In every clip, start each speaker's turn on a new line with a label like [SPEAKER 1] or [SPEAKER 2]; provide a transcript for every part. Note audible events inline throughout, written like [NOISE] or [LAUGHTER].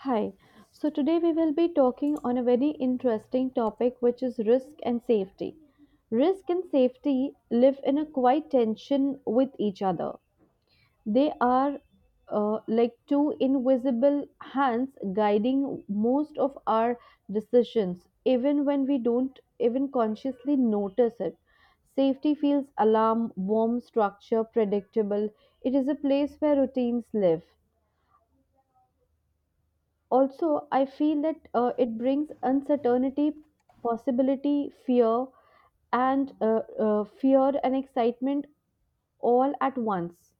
[SPEAKER 1] Hi. So today we will be talking on a very interesting topic which is risk and safety. Risk and safety live in a quiet tension with each other. They are like two invisible hands guiding most of our decisions even when we don't even consciously notice it. Safety feels alarm, warm structure, predictable. It is a place where routines live. Also, I feel that it brings uncertainty, possibility, fear, and fear and excitement all at once.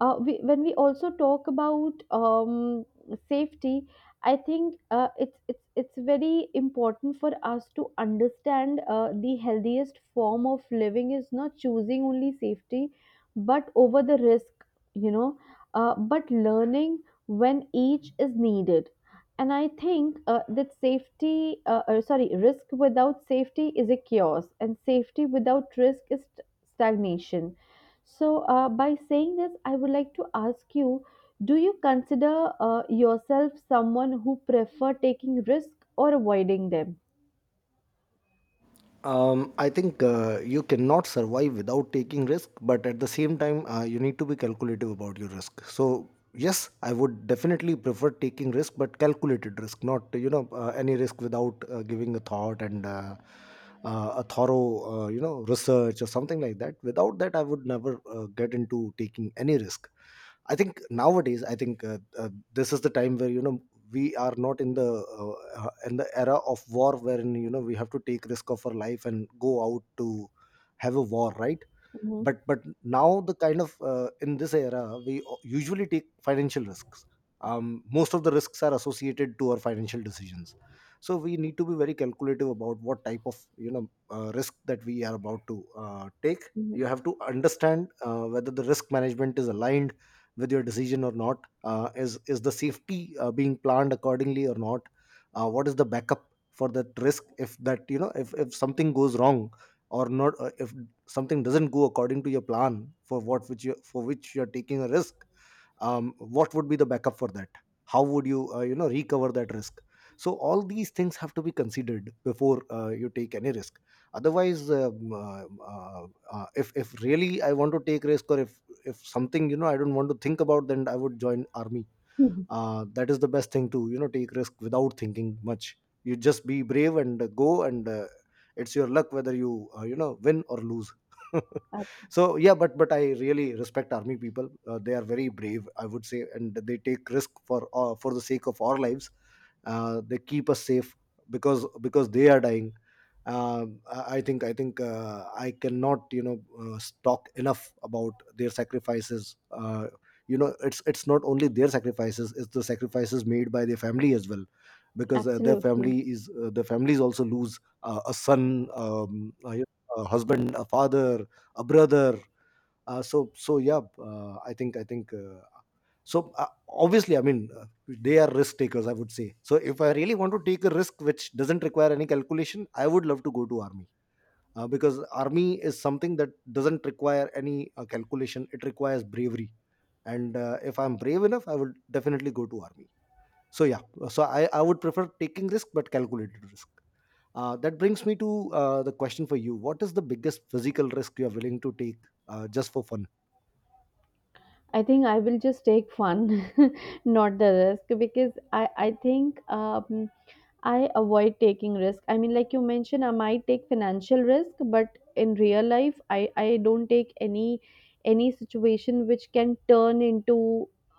[SPEAKER 1] When we also talk about safety, I think it's very important for us to understand the healthiest form of living is not choosing only safety, but over the risk, you know, but learning when each is needed. And I think that safety, sorry, risk without safety is a chaos, and safety without risk is stagnation. So, by saying this, I would like to ask you, do you consider yourself someone who prefer taking risk or avoiding them?
[SPEAKER 2] I think you cannot survive without taking risk, but at the same time, you need to be calculative about your risk. So yes, I would definitely prefer taking risk, but calculated risk, not any risk without giving a thought and a thorough research or something like that. Without that, I would never get into taking any risk. I think nowadays, I think this is the time where we are not in the era of war, wherein we have to take risk of our life and go out to have a war, right?
[SPEAKER 1] Mm-hmm.
[SPEAKER 2] But now, the kind of— in this era we usually take financial risks. Most of the risks are associated to our financial decisions, so we need to be very calculative about what type of risk that we are about to take. You
[SPEAKER 1] [LAUGHS]
[SPEAKER 2] have to understand whether the risk management is aligned with your decision or not, is the safety being planned accordingly or not, what is the backup for that risk if that you know if something goes wrong, or not. If something doesn't go according to your plan for which you're taking a risk, what would be the backup for that, how would you you know recover that risk. So all these things have to be considered before you take any risk. Otherwise, uh, if really I want to take risk, or if something, I don't want to think about, then I would join army.
[SPEAKER 1] Mm-hmm.
[SPEAKER 2] That is the best thing, to take risk without thinking much. You just be brave and go, and it's your luck whether you you know win or lose. [LAUGHS] So yeah, but I really respect army people. They are very brave, I would say, and they take risk for the sake of our lives. They keep us safe, because they are dying. I think I cannot talk enough about their sacrifices. It's not only their sacrifices; it's the sacrifices made by their family as well, because their
[SPEAKER 1] Absolutely.
[SPEAKER 2] family is the families also lose a son, a husband, a father, a brother. So yeah. I think so Obviously, I mean, they are risk takers, I would say. So if I really want to take a risk which doesn't require any calculation, I would love to go to army, because army is something that doesn't require any calculation. It requires bravery. And if I'm brave enough, I would definitely go to army. So yeah. So I would prefer taking risk, but calculated risk. That brings me to the question for you: what is the biggest physical risk you are willing to take, just for fun?
[SPEAKER 1] I think I will just take fun, [LAUGHS] not the risk, because I think I avoid taking risk. I mean, like you mentioned, I might take financial risk, but in real life, I don't take any situation which can turn into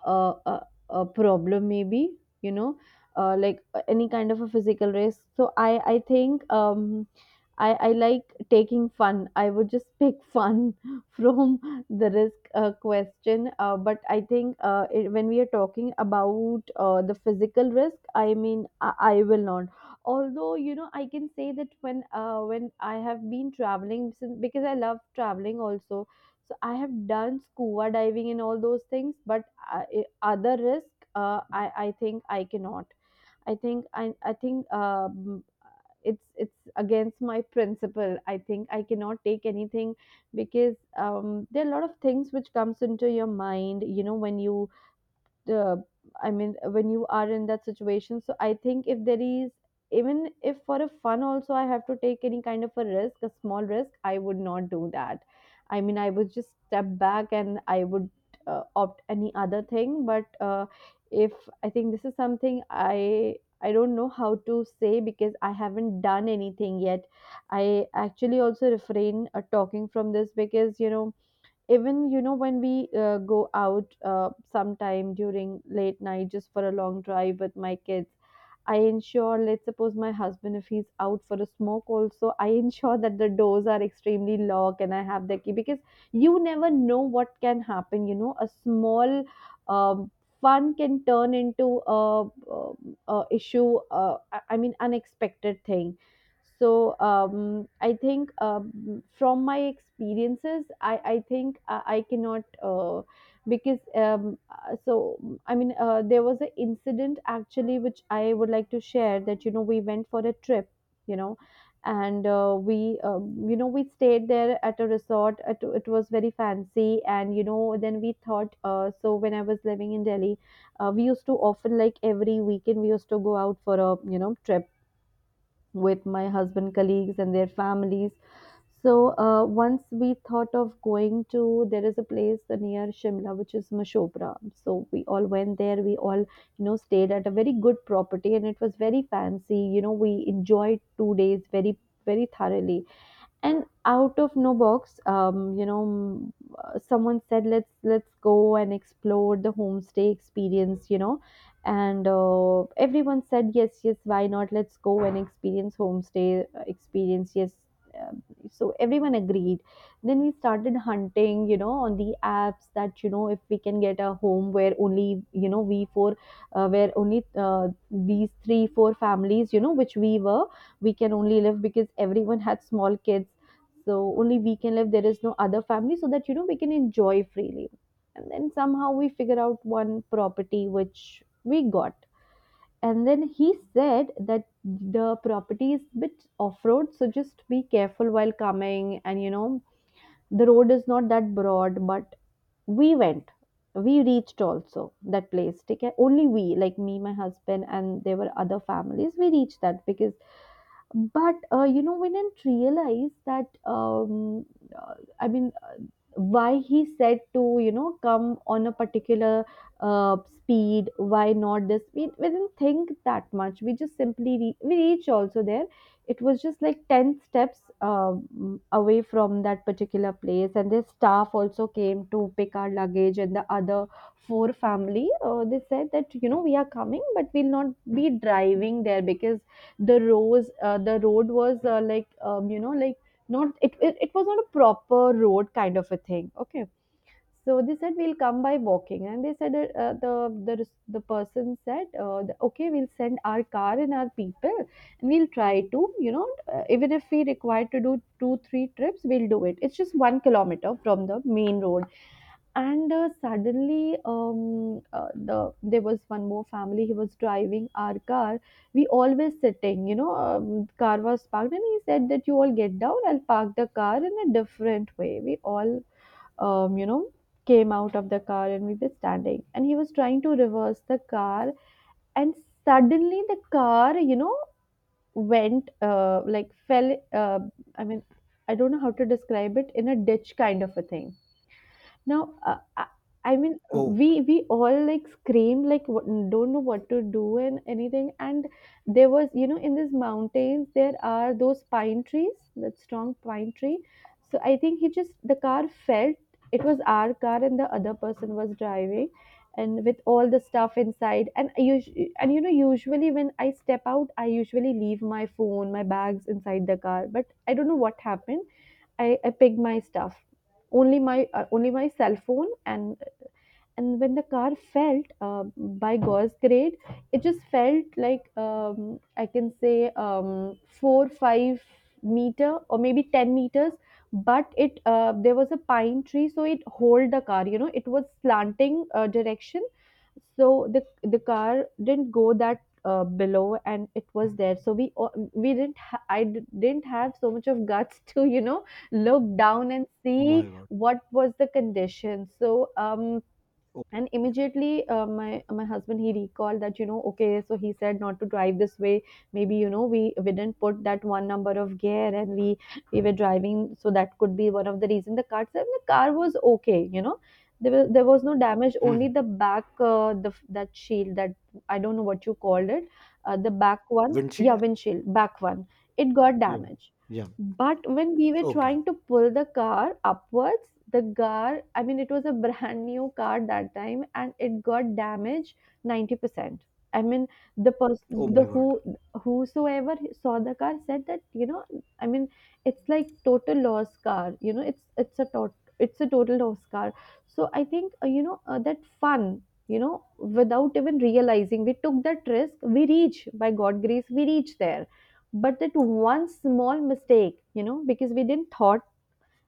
[SPEAKER 1] a a, a problem. Maybe, you know, like any kind of a physical risk. So I think I like taking fun. I would just [LAUGHS] pick fun from the risk question. But I think when we are talking about the physical risk, I mean, I will not. Although, you know, I can say that when I have been traveling, since because I love traveling also. So I have done scuba diving and all those things. But other risk, I think I cannot. I think I think it's against my principle. I think I cannot take anything, because there are a lot of things which comes into your mind. You know when you, the I mean, when you are in that situation, so I think, if there is, even if for a fun also I have to take any kind of a risk, a small risk, I would not do that. I mean, I would just step back and I would opt any other thing. But if, I think this is something I don't know how to say because I haven't done anything yet. I actually also refrain talking from this, because even, when we go out sometime during late night just for a long drive with my kids, I ensure, let's suppose my husband, if he's out for a smoke also, I ensure that the doors are extremely locked and I have the key, because you never know what can happen, a small um, fun can turn into a, a issue, I mean, unexpected thing. So I think, from my experiences, I think I cannot. Because so, I mean, there was an incident actually which I would like to share, that we went for a trip. you know and we, we stayed there at a resort. It was very fancy. And then we thought, so when I was living in Delhi, we used to often, like every weekend we used to go out for a, trip with my husband colleagues and their families. So once we thought of going to, there is a place near Shimla which is Mashopra. So we all went there, we all, stayed at a very good property, and it was very fancy. We enjoyed 2 days very very thoroughly. And out of no box, someone said, let's go and explore the homestay experience, and everyone said, yes, yes, why not, let's go and experience homestay experience, yes. Um, so everyone agreed. Then we started hunting, on the apps, that if we can get a home where only, we four, where only uh, these 3 or 4 families, which we were, we can only live, because everyone had small kids. So only we can live, there is no other family, so that, we can enjoy freely. And then somehow we figure out one property which we got. And then he said that the property is bit off road, so just be careful while coming, and, the road is not that broad, but we went, we reached also that place. Okay, only we, like me, my husband, and there were other families, we reached that because. But we didn't realize that, uh, I mean, why he said to, come on a particular speed, why not this speed. We didn't think that much, we just simply we reach also there. It was just like 10 steps away from that particular place, and their staff also came to pick our luggage. And the other four family, they said that, we are coming but we'll not be driving there, because the road was, like like not, it was not a proper road kind of a thing. Okay. So they said we'll come by walking. And they said, the person said, okay, we'll send our car and our people, and we'll try to, even if we require to do 2 or 3 trips, we'll do it, it's just 1 kilometer from the main road. And suddenly, there was one more family, he was driving our car, we always sitting, car was parked, and he said that, you all get down, I'll park the car in a different way. We all, um, you know came out of the car, and we were standing, and he was trying to reverse the car. And suddenly the car, went, like fell, I mean, I don't know how to describe it, in a ditch kind of a thing. Now, I mean,
[SPEAKER 2] Oh
[SPEAKER 1] we all like scream, like what, don't know what to do and anything. And there was, in these mountains there are those pine trees, that strong pine tree. So I think he just, the car felt. It was our car and the other person was driving, and with all the stuff inside. And usually when I step out, I usually leave my phone, my bags inside the car. But I don't know what happened. I picked my stuff, only my cell phone. And when the car felt, by God's grade, it just felt like, I can say, 4 or 5 meter, or maybe 10 meters, but it, there was a pine tree, so it hold the car, it was slanting direction. So the the car didn't go that below, and it was there. So we o- we didn't ha- I d- didn't have so much of guts [LAUGHS] to, look down and
[SPEAKER 2] my
[SPEAKER 1] see
[SPEAKER 2] God.
[SPEAKER 1] what was the condition. So
[SPEAKER 2] Oh.
[SPEAKER 1] and immediately my husband, he recalled that, okay, so he said not to drive this way, maybe, we didn't put that one number of gear, and we were driving. So that could be one of the reason. The car said the car was okay, you know. There was no damage,
[SPEAKER 2] Hmm.
[SPEAKER 1] only the back, that shield, that, I don't know what you called it, the back one. Yeah,
[SPEAKER 2] Windshield?
[SPEAKER 1] windshield back one, it got
[SPEAKER 2] Yeah.
[SPEAKER 1] damaged.
[SPEAKER 2] Yeah.
[SPEAKER 1] But when we were
[SPEAKER 2] Okay.
[SPEAKER 1] trying to pull the car upwards, the car, I mean, it was a brand new car that time, and it got damaged 90%. I mean, the
[SPEAKER 2] Oh
[SPEAKER 1] person, the
[SPEAKER 2] my God.
[SPEAKER 1] who, whosoever saw the car said that, you know, I mean, it's like total loss car, you know, it's a total loss car. So I think, that fun, you know, without even realizing, we took that risk. We reach, by God grace, we reach there, but that one small mistake, you know, because we didn't thought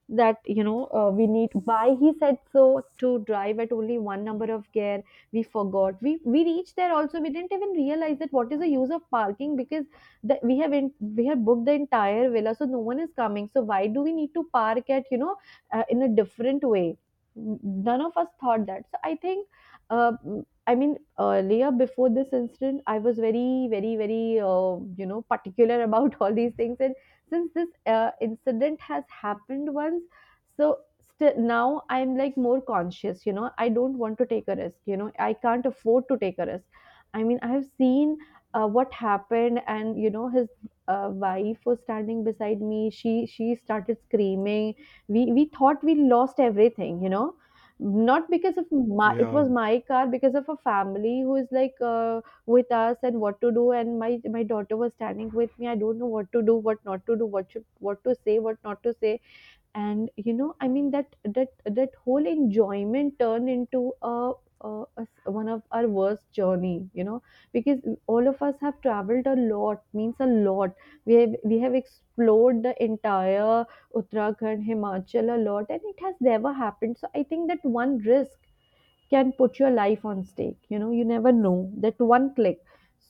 [SPEAKER 1] that, you know, we need, why he said so, to drive at only one number of gear. We forgot. We reached there also. We didn't even realize that what is the use of parking, because we have in, we have booked the entire villa, so no one is coming, so why do we need to park at, you know, in a different way. None of us thought that. So I think, uh, I mean, earlier, before this incident, I was very very very you know, particular about [LAUGHS] all these things. And since this incident has happened once, so still now I'm like more conscious, you know. I don't want to take a risk, you know, I can't afford to take a risk. I mean, I have seen what happened, and you know, his wife was standing beside me. She started screaming. We thought we lost everything, you know. Not because of my, it
[SPEAKER 2] Yeah,
[SPEAKER 1] was my car, because of a family who is like, with us, and what to do. And my daughter was standing with me. I don't know what to do, what not to do, what should, what to say, what not to say. And you know, I mean, that whole enjoyment turned into a one of our worst journey, you know, because all of us have traveled a lot, means a lot. We have explored the entire Uttarakhand, Himachal a lot, and it has never happened. So I think that one risk can put your life on stake, you know. You never know that one click.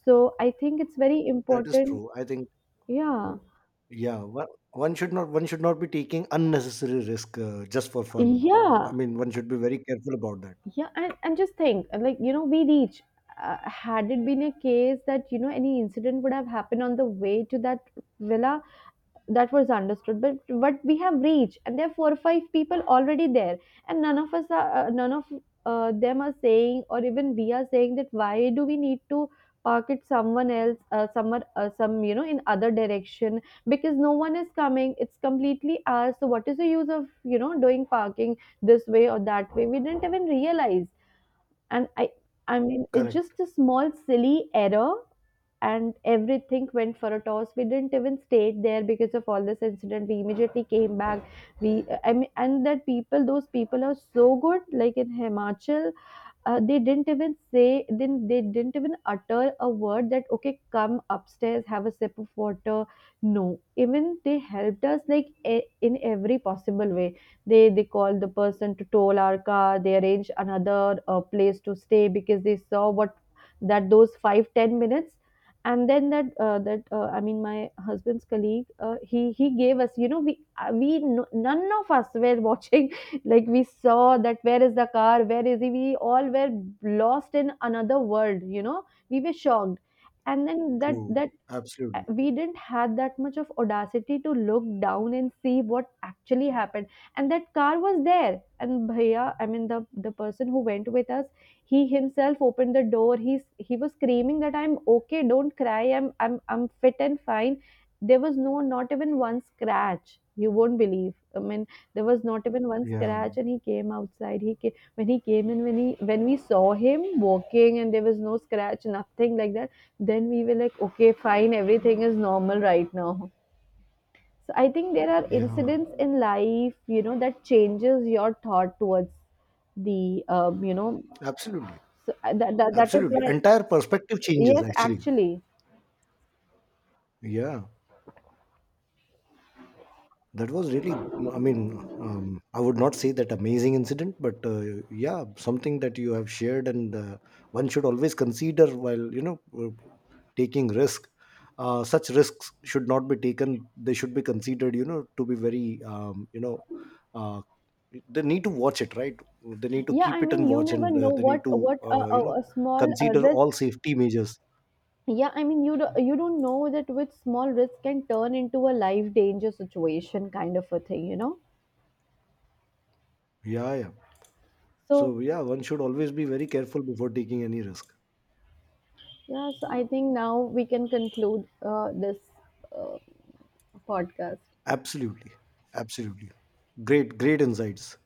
[SPEAKER 1] So I think it's very
[SPEAKER 2] that is
[SPEAKER 1] important.
[SPEAKER 2] true. I think.
[SPEAKER 1] Yeah,
[SPEAKER 2] Yeah, one should not be taking unnecessary risk, just for fun.
[SPEAKER 1] yeah.
[SPEAKER 2] I mean, one should be very careful about that.
[SPEAKER 1] Yeah, and just think, like, you know, we reach, had it been a case that, you know, any incident would have happened on the way to that villa, that was understood. But we have reached, and there are four or five people already there, and none of us are, none of them are saying, or even we are saying, that why do we need to park it someone else, somewhere, some, you know, in other direction, because no one is coming, it's completely ours. So what is the use of, you know, doing parking this way or that way? We didn't even realize. And i i mean, it's
[SPEAKER 2] Correct.
[SPEAKER 1] just a small silly error. And everything went for a toss. We didn't even stay there. Because of all this incident, we immediately came back. We I mean, and that people, those people are so good, like in Himachal. They didn't even say, then they didn't even utter a word, that okay, come upstairs, have a sip of water. No, even they helped us like, in every possible way. They called the person to tow our car. They arranged another place to stay, because they saw what, that those 5-10 minutes. And then that I mean, my husband's colleague, he gave us, you know, we no, none of us were [LAUGHS] watching. Like, we saw that, where is the car, where is he? We all were lost in another world, you know. We were shocked. And then that
[SPEAKER 2] True.
[SPEAKER 1] that
[SPEAKER 2] Absolutely.
[SPEAKER 1] we didn't had that much of audacity to look down and see what actually happened. And that car was there, and bhaiya, I mean, the person who went with us, he himself opened the door. He was screaming that I'm okay, don't cry, I'm fit and fine. There was no, not even one scratch. You won't believe, I mean, there was not even one
[SPEAKER 2] Yeah.
[SPEAKER 1] scratch. And he came outside, he came when he came in, when he, when we saw him walking, and there was no scratch, nothing like that. Then we were like, okay, fine, everything is normal right now. So I think there are
[SPEAKER 2] Yeah.
[SPEAKER 1] incidents in life, you know, that changes your thought towards the you know.
[SPEAKER 2] Absolutely.
[SPEAKER 1] So I-, that is
[SPEAKER 2] Absolutely.
[SPEAKER 1] why.
[SPEAKER 2] Entire perspective changes
[SPEAKER 1] Yes,
[SPEAKER 2] actually.
[SPEAKER 1] actually.
[SPEAKER 2] Yeah. That was really, I mean, I would not say that amazing incident, but yeah, something that you have shared. And one should always consider while taking risk. Such risks should not be taken; they should be considered, you know, to be very— uh, they need to watch it, right? They need to
[SPEAKER 1] Yeah, I
[SPEAKER 2] keep it
[SPEAKER 1] mean,
[SPEAKER 2] and
[SPEAKER 1] you
[SPEAKER 2] watch,
[SPEAKER 1] never
[SPEAKER 2] and
[SPEAKER 1] know
[SPEAKER 2] they
[SPEAKER 1] what,
[SPEAKER 2] need to—
[SPEAKER 1] what a, a, a small
[SPEAKER 2] consider
[SPEAKER 1] risk.
[SPEAKER 2] all safety measures.
[SPEAKER 1] Yeah, I mean, you don't know that which small risk can turn into a life danger situation, kind of a thing, you know.
[SPEAKER 2] Yeah, yeah.
[SPEAKER 1] So,
[SPEAKER 2] So yeah, one should always be very careful before taking any risk.
[SPEAKER 1] yeah. So I think now we can conclude this uh, podcast.
[SPEAKER 2] Absolutely. Absolutely. Great, great insights.